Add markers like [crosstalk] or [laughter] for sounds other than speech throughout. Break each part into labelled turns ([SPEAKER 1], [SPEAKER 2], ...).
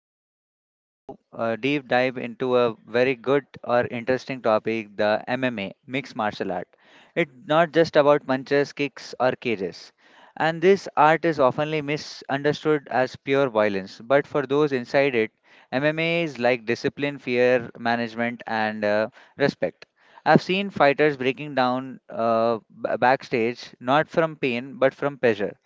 [SPEAKER 1] we are going to deep dive into a very good or interesting topic the MMA, mixed martial art. It's not just about punches, kicks, or cages. And this art is oftenly misunderstood as pure violence, but for those inside it, MMA is like discipline, fear management, and respect. I've seen fighters breaking down backstage, not from pain, but from pleasure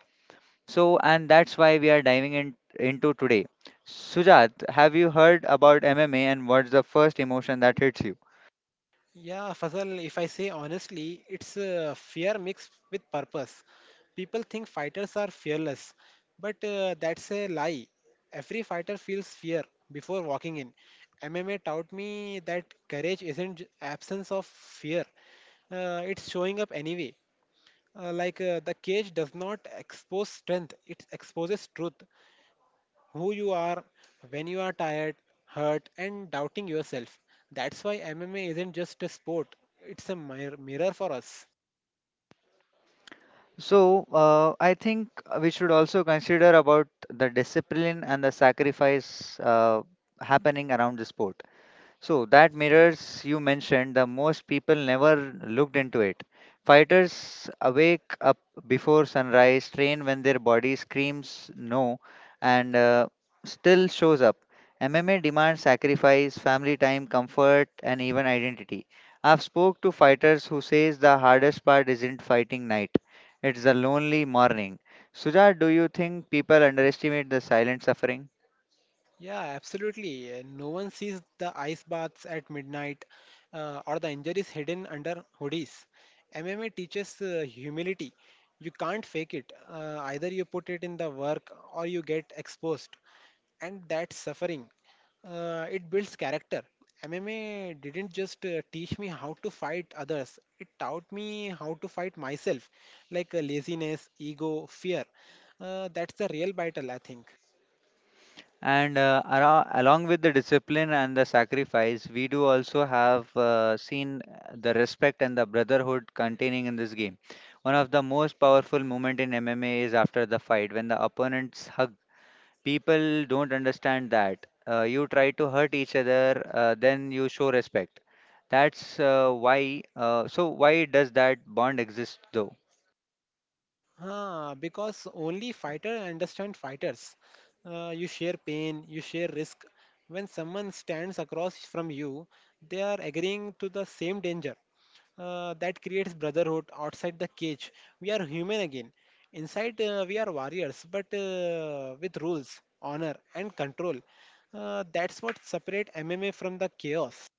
[SPEAKER 1] so, and that's why we are diving in, into today. Sujat, have you heard about MMA and what's the first emotion that hits you?
[SPEAKER 2] Yeah, Fazal, if I say honestly, it's fear mixed with purpose. People think fighters are fearless, but that's a lie. Every fighter feels fear before walking in. MMA taught me that courage isn't absence of fear, it's showing up anyway. Like the cage does not expose strength, it exposes truth, who you are when you are tired, hurt, and doubting yourself. That's why MMA isn't just a sport, it's a mirror for us.
[SPEAKER 1] I think we should also consider about the discipline and the sacrifice happening around the sport. So that mirrors you mentioned, the most people never looked into it. Fighters awake up before sunrise, train when their body screams no, and still shows up. MMA demands sacrifice, family time, comfort, and even identity. I've spoke to fighters who says the hardest part isn't fighting night; it's the lonely morning. Suja, do you think people underestimate the silent suffering?
[SPEAKER 2] Yeah, absolutely. No one sees the ice baths at midnight or the injuries hidden under hoodies. MMA teaches humility. You can't fake it. Either you put it in the work or you get exposed. And that's suffering. It builds character. MMA didn't just teach me how to fight others, it taught me how to fight myself, like laziness, ego, fear. That's the real battle, I think.
[SPEAKER 1] And along with the discipline and the sacrifice, we do also have seen the respect and the brotherhood containing in this game. One of the most powerful moment in MMA is after the fight when the opponents hug. People don't understand that. You try to hurt each other, then you show respect. That's why. So why does that bond exist though?
[SPEAKER 2] Ah, because only fighter understand fighters. You share pain, you share risk. When someone stands across from you, they are agreeing to the same danger. That creates brotherhood outside the cage. We are human again. Inside, we are warriors, but with rules, honor, and control. That's what separate MMA from the chaos.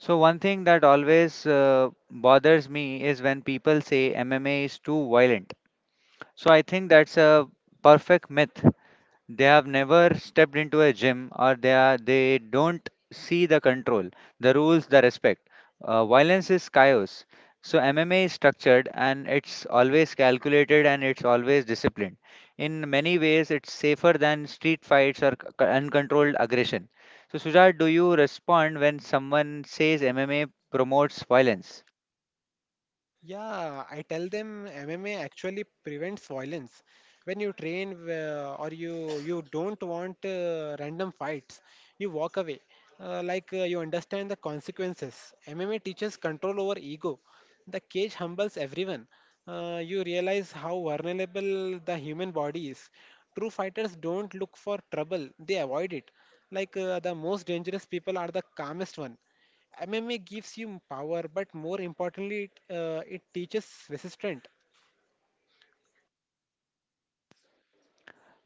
[SPEAKER 1] So one thing that always bothers me is when people say MMA is too violent. So I think that's a perfect myth. They have never stepped into a gym or they don't see the control, the rules, the respect. Violence is chaos. So MMA is structured and it's always calculated and it's always disciplined. In many ways, it's safer than street fights or uncontrolled aggression. So Sujat, do you respond when someone says MMA promotes violence?
[SPEAKER 2] Yeah, I tell them MMA actually prevents violence. When you train or you don't want random fights, you walk away. Like you understand the consequences. MMA teaches control over ego. The cage humbles everyone. You realize how vulnerable the human body is. True fighters don't look for trouble; they avoid it. Like the most dangerous people are the calmest one. MMA gives you power, but more importantly, it teaches resistance.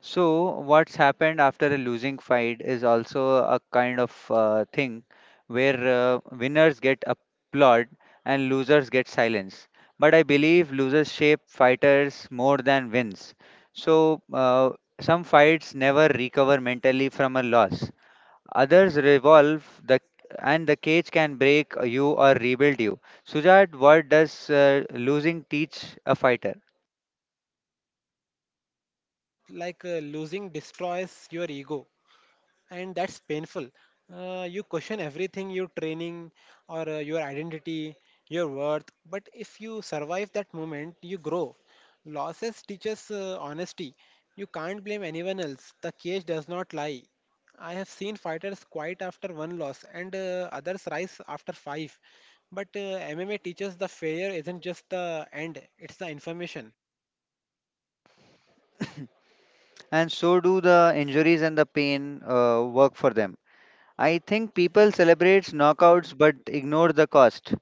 [SPEAKER 1] So, what's happened after a losing fight is also a kind of thing where winners get applaud and losers get silence. But I believe losers shape fighters more than wins. So, uh, some fights never recover mentally from a loss. Others revolve the and the cage can break you or rebuild you. Sujat, what does losing teach a fighter?
[SPEAKER 2] Like losing destroys your ego, and that's painful. You question everything your training or your identity, your worth. But if you survive that moment, you grow. Losses teaches honesty. You can't blame anyone else. The cage does not lie. I have seen fighters quiet after one loss and others rise after five. But MMA teaches the failure isn't just the end, it's the information.
[SPEAKER 1] And so do the injuries and the pain work for them. I think people celebrate knockouts but ignore the cost.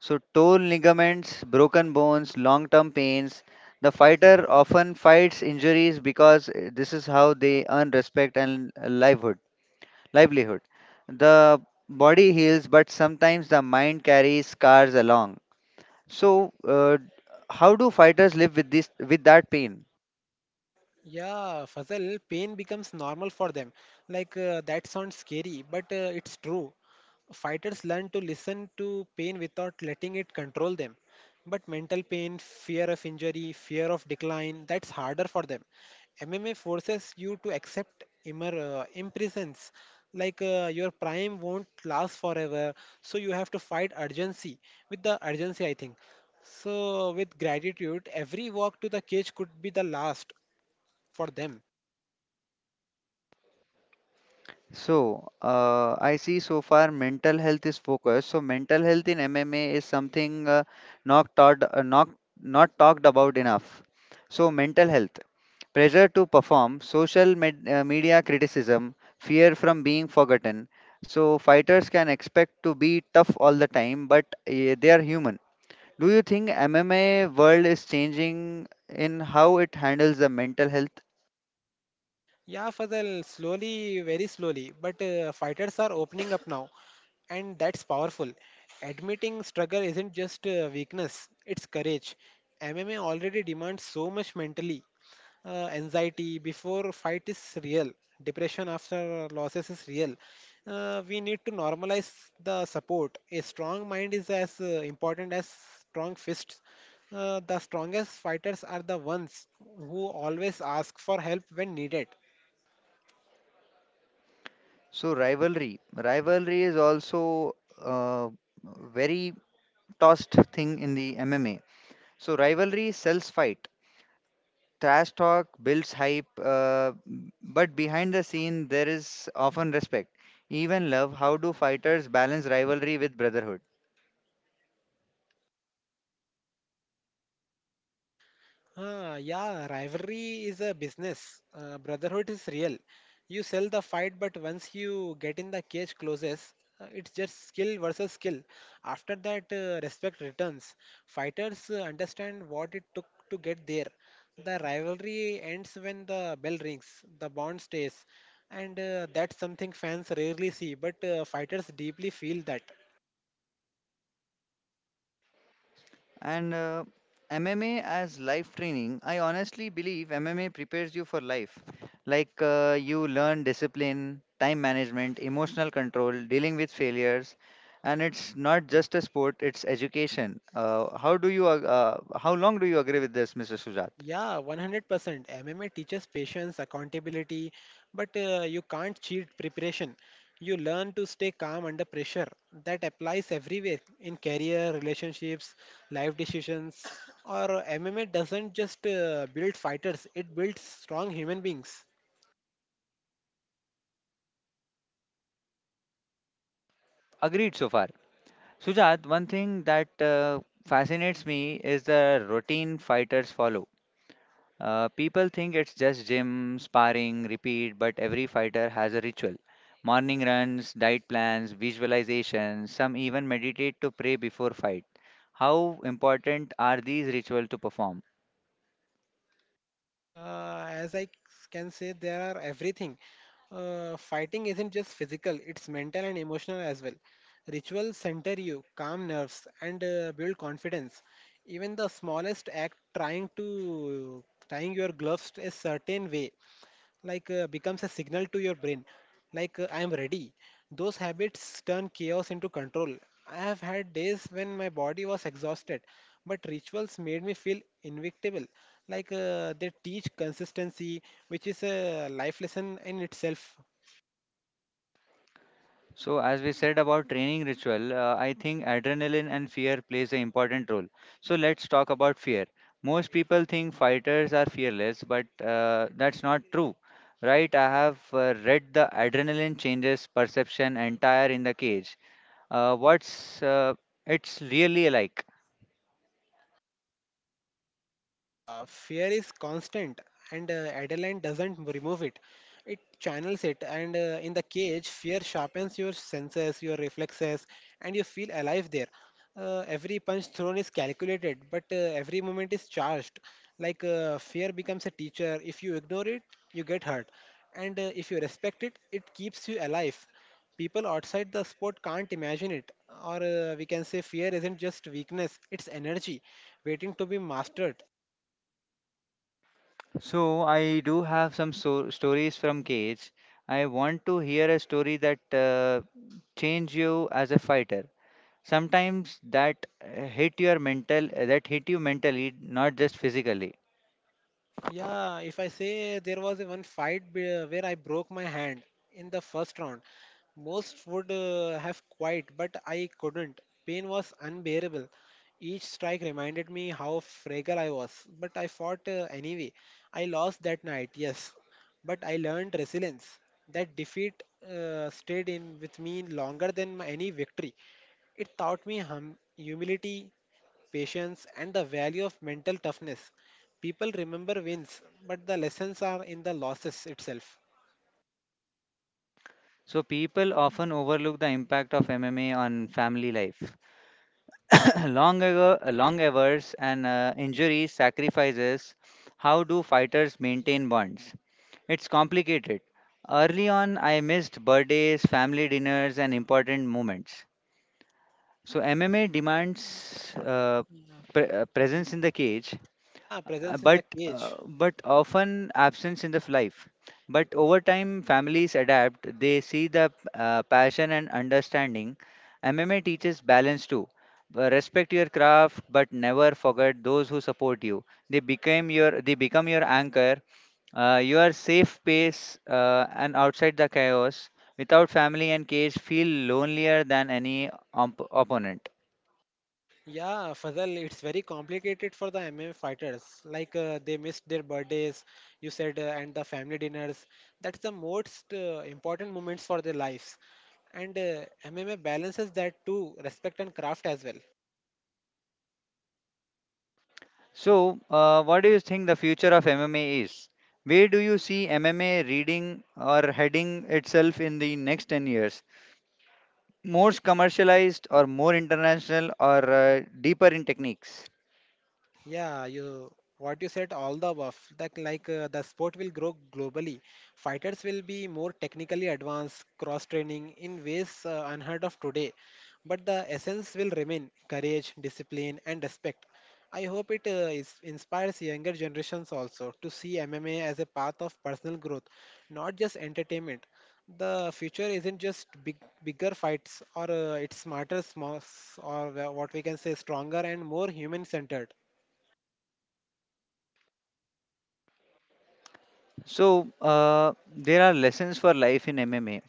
[SPEAKER 1] So torn ligaments, broken bones, long-term pains. The fighter often fights injuries because this is how they earn respect and livelihood. Livelihood. The body heals, but sometimes the mind carries scars along. So, uh, how do fighters live with this with that pain?
[SPEAKER 2] Yeah, Fazal, pain becomes normal for them. Like, that sounds scary, but it's true. Fighters learn to listen to pain without letting it control them. But mental pain, fear of injury, fear of decline, that's harder for them. MMA forces you to accept imprisons. Like your prime won't last forever, so you have to fight urgency. With the urgency, I think. So, with gratitude, every walk to the cage could be the last for them.
[SPEAKER 1] I see so far mental health is focused. So, mental health in MMA is something not taught, not talked about enough. So, mental health, pressure to perform, social media criticism, fear from being forgotten. So, fighters can expect to be tough all the time, but they are human. Do you think MMA world is changing in how it handles the mental health?
[SPEAKER 2] Yeah, Fazal, slowly, very slowly, but fighters are opening up now, and that's powerful. Admitting struggle isn't just weakness, it's courage. MMA already demands so much mentally. Anxiety before fight is real, depression after losses is real. We need to normalize the support. A strong mind is as important as strong fists. The strongest fighters are the ones who always ask for help when needed.
[SPEAKER 1] So rivalry is also a very tossed thing in the MMA. So rivalry sells fight, trash talk builds hype, but behind the scene there is often respect, even love. How do fighters balance rivalry with brotherhood?
[SPEAKER 2] Ah, yeah, rivalry is a business. Brotherhood is real. You sell the fight, but once you get in the cage closes, it's just skill versus skill. After that, respect returns. Fighters understand what it took to get there. The rivalry ends when the bell rings, the bond stays. And that's something fans rarely see, but fighters deeply feel that.
[SPEAKER 1] And MMA as life training, I honestly believe MMA prepares you for life. Like you learn discipline, time management, emotional control, dealing with failures, and it's not just a sport; it's education. How long do you agree with this, Mr. Sujat?
[SPEAKER 2] Yeah, 100%. MMA teaches patience, accountability, but you can't cheat preparation. You learn to stay calm under pressure. That applies everywhere in career, relationships, life decisions. Or MMA doesn't just build fighters, it builds strong human beings.
[SPEAKER 1] Agreed so far. Sujat, one thing that fascinates me is the routine fighters follow. People think it's just gym, sparring, repeat, but every fighter has a ritual. Morning runs, diet plans, visualizations, some even meditate to pray before fight. How important are these rituals to perform?
[SPEAKER 2] As I can say, they are everything. Fighting isn't just physical, it's mental and emotional as well. Rituals center you, calm nerves, and build confidence. Even the smallest act, trying to tying your gloves a certain way, like becomes a signal to your brain, like I am ready. Those habits turn chaos into control. I have had days when my body was exhausted, but rituals made me feel invincible. Like they teach consistency, which is a life lesson in itself.
[SPEAKER 1] So, as we said about training ritual, I think adrenaline and fear plays an important role. So, let's talk about fear. Most people think fighters are fearless, but that's not true. Right, I have read the adrenaline changes perception entire in the cage. What's It's really like.
[SPEAKER 2] Fear is constant, and adrenaline doesn't remove it. It channels it, and in the cage, fear sharpens your senses, your reflexes, and you feel alive there. Every punch thrown is calculated, but every moment is charged. Like fear becomes a teacher. If you ignore it, you get hurt, and if you respect it, it keeps you alive. People outside the sport can't imagine it, or we can say fear isn't just weakness; it's energy waiting to be mastered.
[SPEAKER 1] So I do have some stories from cage. I want to hear a story that change you as a fighter. Sometimes that hit you mentally, not just physically.
[SPEAKER 2] Yeah, if I say there was a one fight where I broke my hand in the first round, most would have quit, but I couldn't. Pain was unbearable. Each strike reminded me how fragile I was, but I fought anyway. I lost that night, yes, but I learned resilience. That defeat stayed in with me longer than any victory. It taught me humility, patience, and the value of mental toughness. People remember wins, but the lessons are in the losses itself.
[SPEAKER 1] So people often overlook the impact of MMA on family life. [coughs] Long ago, long hours and injuries, sacrifices. How do fighters maintain bonds? It's complicated. Early on, I missed birthdays, family dinners, and important moments. So MMA demands presence in the cage,
[SPEAKER 2] Yeah, presence in the cage.
[SPEAKER 1] but often absence in the life. But over time, families adapt. They see the passion and understanding. MMA teaches balance too. Respect your craft, but never forget those who support you. They become your anchor your safe space and outside the chaos without family and cage feel lonelier than any opponent.
[SPEAKER 2] Yeah, Fazal, it's very complicated for the MMA fighters. Like they missed their birthdays, you said, and the family dinners. That's the most important moments for their lives. And MMA balances that too, respect and craft as well.
[SPEAKER 1] What do you think the future of MMA is? Where do you see MMA reading or heading itself in the next 10 years? More commercialized or more international or deeper in techniques?
[SPEAKER 2] Yeah, you, what you said, all the above, that like the sport will grow globally. Fighters will be more technically advanced, cross training in ways unheard of today. But the essence will remain courage, discipline, and respect. I hope it inspires younger generations also to see MMA as a path of personal growth, not just entertainment. The future isn't just big, bigger fights, or it's smarter, small, or what we can say, stronger and more human-centered.
[SPEAKER 1] There are lessons for life in MMA.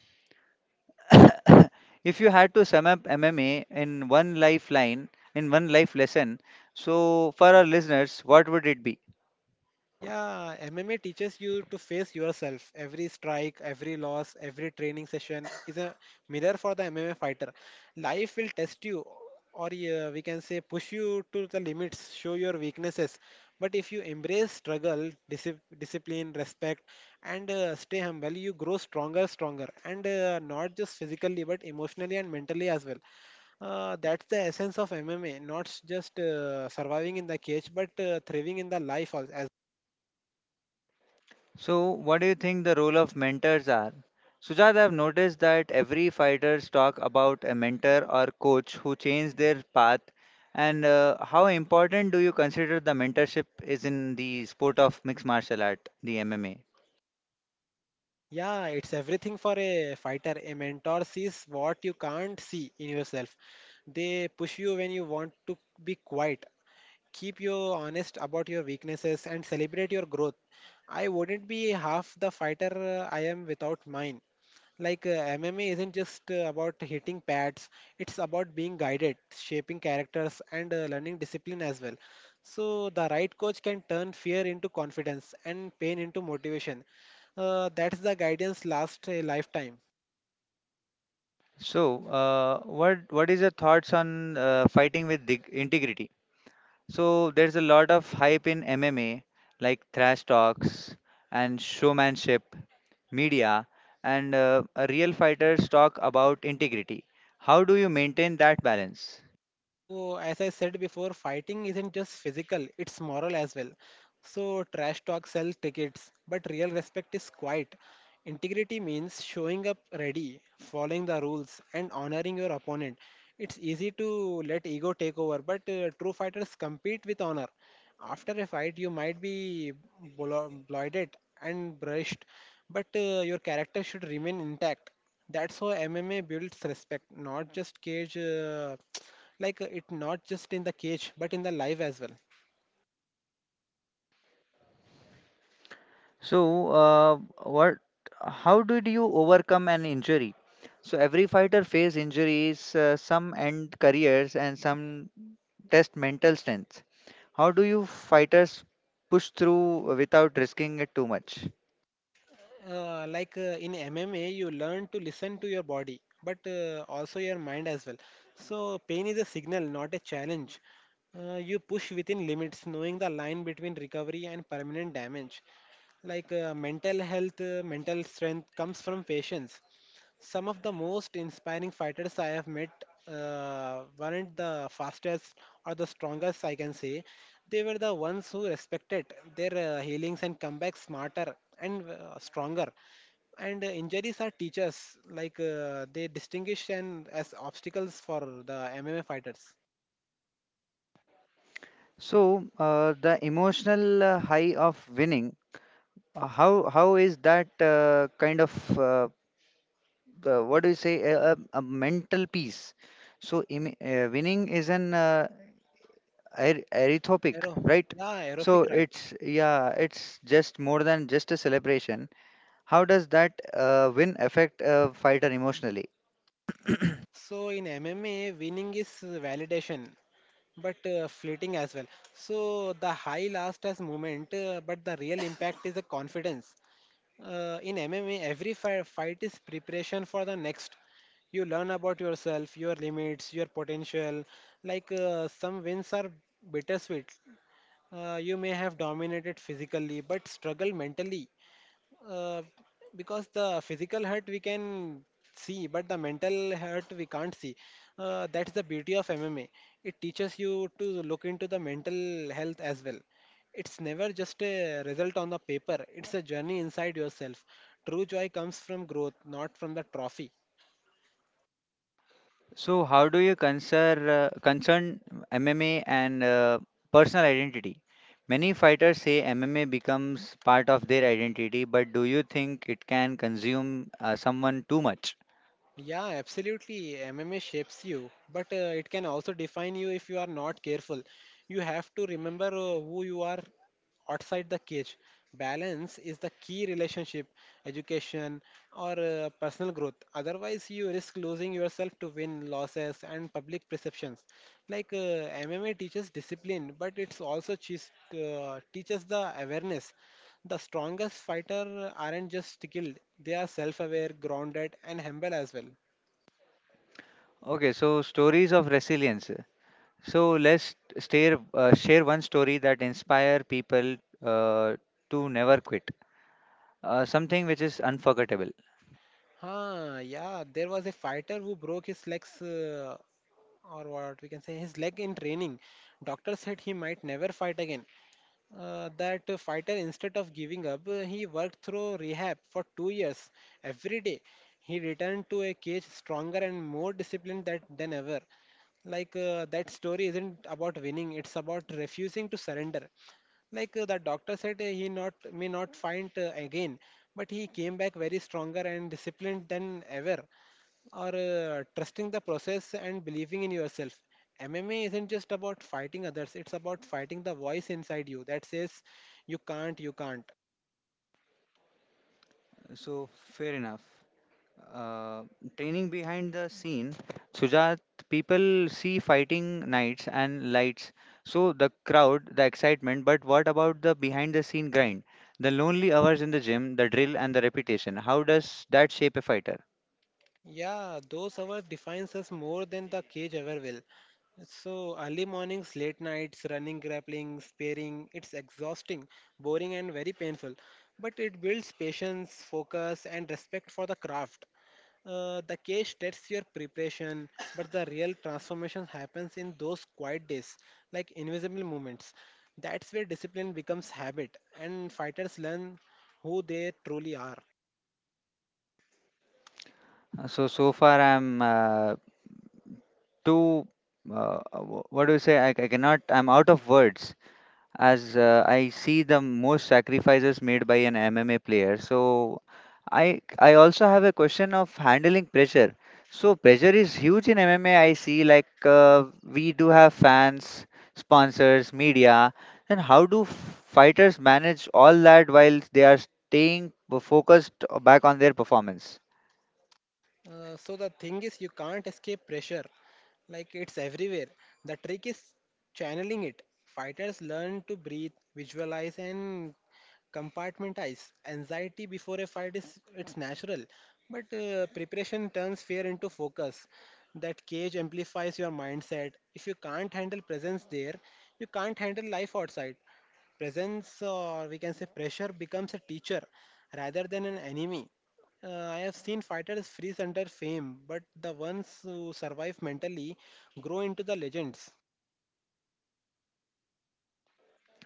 [SPEAKER 1] If you had to sum up MMA in one lifeline, in one life lesson, so for our listeners, what would it be?
[SPEAKER 2] Yeah, MMA teaches you to face yourself. Every strike, every loss, every training session is a mirror for the MMA fighter. Life will test you, or we can say push you to the limits, show your weaknesses. But if you embrace struggle, discipline, respect, and stay humble, you grow stronger, stronger, and not just physically but emotionally and mentally as well. That's the essence of MMA, not just surviving in the cage but thriving in the life as well.
[SPEAKER 1] So, what do you think the role of mentors are? Sujat, I've noticed that every fighters talk about a mentor or coach who changed their path. And how important do you consider the mentorship is in the sport of mixed martial art, the MMA?
[SPEAKER 2] Yeah, it's everything for a fighter. A mentor sees what you can't see in yourself. They push you when you want to be quiet, keep you honest about your weaknesses, and celebrate your growth. I wouldn't be half the fighter I am without mine. Like MMA isn't just about hitting pads, it's about being guided, shaping characters, and learning discipline as well. So, the right coach can turn fear into confidence and pain into motivation. That's the guidance last a lifetime.
[SPEAKER 1] So what is your thoughts on fighting with dig- integrity? So there's a lot of hype in MMA, like thrash talks and showmanship, media, and real fighters talk about integrity. How do you maintain that balance?
[SPEAKER 2] Oh, as I said before, fighting isn't just physical, it's moral as well. So, trash talk sells tickets, but real respect is quiet. Integrity means showing up ready, following the rules, and honoring your opponent. It's easy to let ego take over, but true fighters compete with honor. After a fight, you might be bloated and brushed, but your character should remain intact. That's how MMA builds respect, not just cage. Like it not just in the cage but in the life as well.
[SPEAKER 1] So, what? how did you overcome an injury? So every fighter face injuries. Some end careers and some test mental strength. How do you fighters push through without risking it too much?
[SPEAKER 2] Like in MMA you learn to listen to your body but also your mind as well. So pain is a signal, not a challenge. You push within limits, knowing the line between recovery and permanent damage. Like mental strength comes from patience. Some of the most inspiring fighters I have met weren't the fastest or the strongest, I can say. They were the ones who respected their healings and come back smarter and stronger. And injuries are teachers, like they distinguish and as obstacles for the MMA fighters.
[SPEAKER 1] The emotional high of winning, how is that what do you say a mental peace? So, winning is an arithmetic,
[SPEAKER 2] Aero,
[SPEAKER 1] right?
[SPEAKER 2] yeah,
[SPEAKER 1] So
[SPEAKER 2] aerobic right.
[SPEAKER 1] it's yeah, it's just more than just a celebration. How does that win affect a fighter emotionally?
[SPEAKER 2] So in MMA, winning is validation, but fleeting as well. So the high last as moment, but the real impact is the confidence. In MMA, every fight is preparation for the next. You learn about yourself, your limits, your potential. Like some wins are bittersweet. You may have dominated physically, but struggle mentally, uh, because the physical hurt we can see but the mental hurt we can't see. That's the beauty of MMA. It teaches you to look into the mental health as well. It's never just a result on the paper, it's a journey inside yourself. True joy comes from growth, not from the trophy.
[SPEAKER 1] So, how do you concern MMA and personal identity? Many fighters say MMA becomes part of their identity, but do you think it can consume someone too much?
[SPEAKER 2] Yeah, absolutely. MMA shapes you, but it can also define you if you are not careful. You have to remember who you are outside the cage. Balance is the key relationship, education, or personal growth. Otherwise, you risk losing yourself to win losses and public perceptions. Like uh, MMA teaches discipline, but it's also teaches the awareness. The strongest fighter aren't just skilled; they are self-aware, grounded, and humble as well.
[SPEAKER 1] Okay, so stories of resilience. So let's share one story that inspire people uh, to never quit. Something which is unforgettable.
[SPEAKER 2] Yeah, there was a fighter who broke his legs, or what we can say, his leg in training. Doctor said he might never fight again. That fighter, instead of giving up, he worked through rehab for 2 years every day. He returned to a cage stronger and more disciplined than ever. That story isn't about winning, it's about refusing to surrender. The doctor said he not may not fight again, but he came back very stronger and disciplined than ever, or trusting the process and believing in yourself. MMA isn't just about fighting others, it's about fighting the voice inside you that says, you can't, you can't.
[SPEAKER 1] So fair enough. uh, Training behind the scene, Sujat, people see fighting nights and lights. So the crowd, the excitement, but what about the behind the scene grind? The lonely hours in the gym, the drill and the repetition. How does that shape a fighter?
[SPEAKER 2] Yeah, those hours defines us more than the cage ever will. So early mornings, late nights, running, grappling, sparring, it's exhausting, boring and very painful. But it builds patience, focus and respect for the craft. The case tests your preparation, but the real transformation happens in those quiet days, like invisible moments. That's where discipline becomes habit, and fighters learn who they truly are.
[SPEAKER 1] So so far I'm too wh- what do you say? I cannot. I'm out of words. As I see the most sacrifices made by an MMA player. So I also have a question of handling pressure. So pressure is huge in MMA. I see like we do have fans, sponsors, media. Then how do fighters manage all that while they are staying focused back on their performance?
[SPEAKER 2] So the thing is, you can't escape pressure. Like it's everywhere. The trick is channeling it. Fighters learn to breathe, visualize, and compartmentalize. Anxiety before a fight is it's natural, but preparation turns fear into focus. That cage amplifies your mindset. If you can't handle presence there, you can't handle life outside presence, or we can say pressure becomes a teacher rather than an enemy. I have seen fighters freeze under fame, but the ones who survive mentally grow into the legends.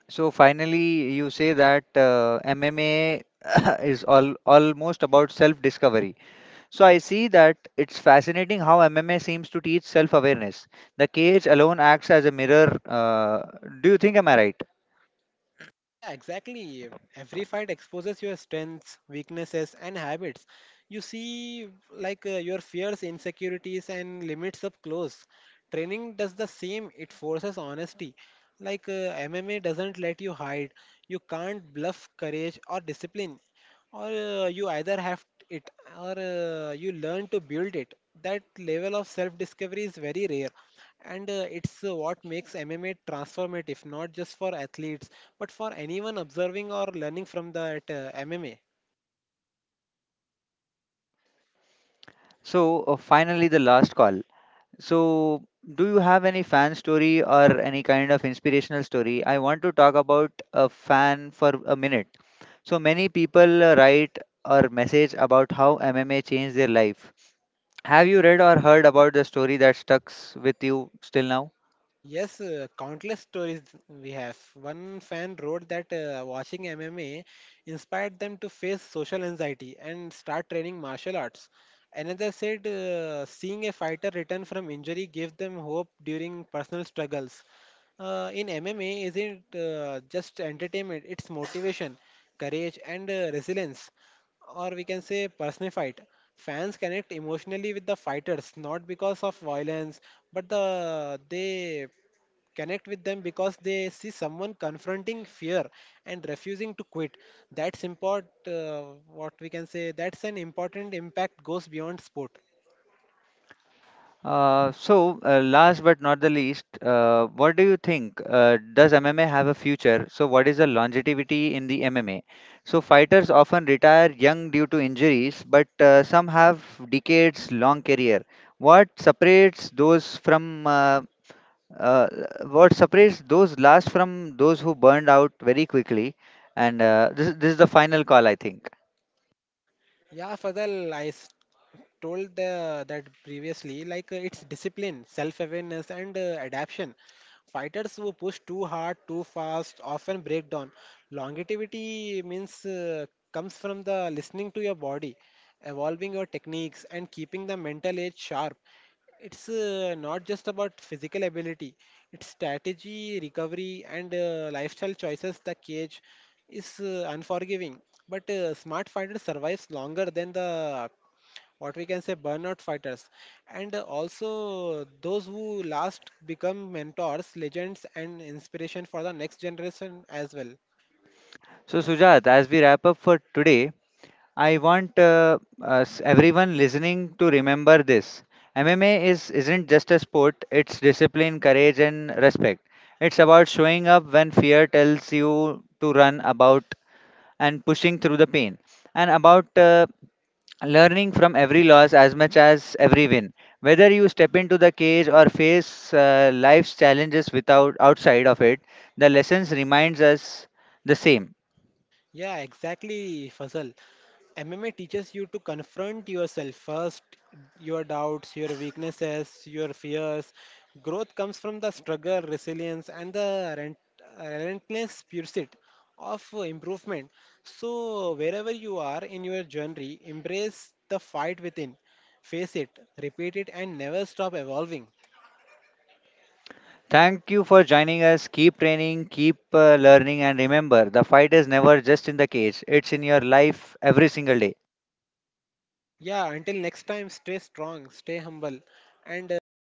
[SPEAKER 1] So finally, you say that MMA [coughs] [laughs] is all almost about self-discovery. So I see that it's fascinating how MMA seems to teach self-awareness. The cage alone acts as a mirror. Do you think am I right?
[SPEAKER 2] Yeah, exactly. Every fight exposes your strengths, weaknesses, and habits. You see, your fears, insecurities, and limits up close. Training does the same, it forces honesty. MMA doesn't let you hide. You can't bluff courage or discipline. Or you either have it, or you learn to build it. That level of self discovery is very rare, and it's what makes MMA transformative, not just for athletes, but for anyone observing or learning from that MMA.
[SPEAKER 1] So finally, the last call. So do you have any fan story or any kind of inspirational story? I want to talk about a fan for a minute. So many people write or message about how MMA changed their life. Have you read or heard about the story that stucks with you still now?
[SPEAKER 2] Yes, countless stories we have. One fan wrote that watching MMA inspired them to face social anxiety and start training martial arts. Another said seeing a fighter return from injury gave them hope during personal struggles. In MMA, isn't just entertainment, it's motivation, courage, and resilience, or we can say personified. Fans connect emotionally with the fighters, not because of violence, but they connect with them because they see someone confronting fear and refusing to quit. That's import. What we can say. That's an important impact goes beyond sport.
[SPEAKER 1] So, last but not the least, what do you think? Does MMA have a future? So, what is the longevity in the MMA? So, fighters often retire young due to injuries, but some have decades long career. What separates those from uh, uh, what separates those last from those who burned out very quickly? And this is the final call, I think.
[SPEAKER 2] Yeah, Fadal, told the, that previously. It's discipline, self-awareness, and adaptation. Fighters who push too hard, too fast, often break down. Longevity means comes from the listening to your body, evolving your techniques, and keeping the mental edge sharp. It's not just about physical ability, it's strategy, recovery, and lifestyle choices. The cage is unforgiving, but smart fighter survives longer than the what we can say burnout fighters, and also those who last become mentors, legends, and inspiration for the next generation as well.
[SPEAKER 1] So, Sujat, as we wrap up for today, I want us, everyone listening to remember this. MMA is isn't just a sport, it's discipline, courage and respect. It's about showing up when fear tells you to run about and pushing through the pain and about learning from every loss as much as every win. Whether you step into the cage or face life's challenges without outside of it, the lessons reminds us the same.
[SPEAKER 2] Yeah, exactly, Fazal. MMA teaches you to confront yourself first, your doubts, your weaknesses, your fears. Growth comes from the struggle, resilience, and the relentless pursuit of improvement. So, wherever you are in your journey, embrace the fight within, face it, repeat it, and never stop evolving.
[SPEAKER 1] Thank you for joining us. Keep training, keep learning, and remember the fight is never just in the cage, it's in your life every single day.
[SPEAKER 2] Yeah, until next time, stay strong, stay humble, and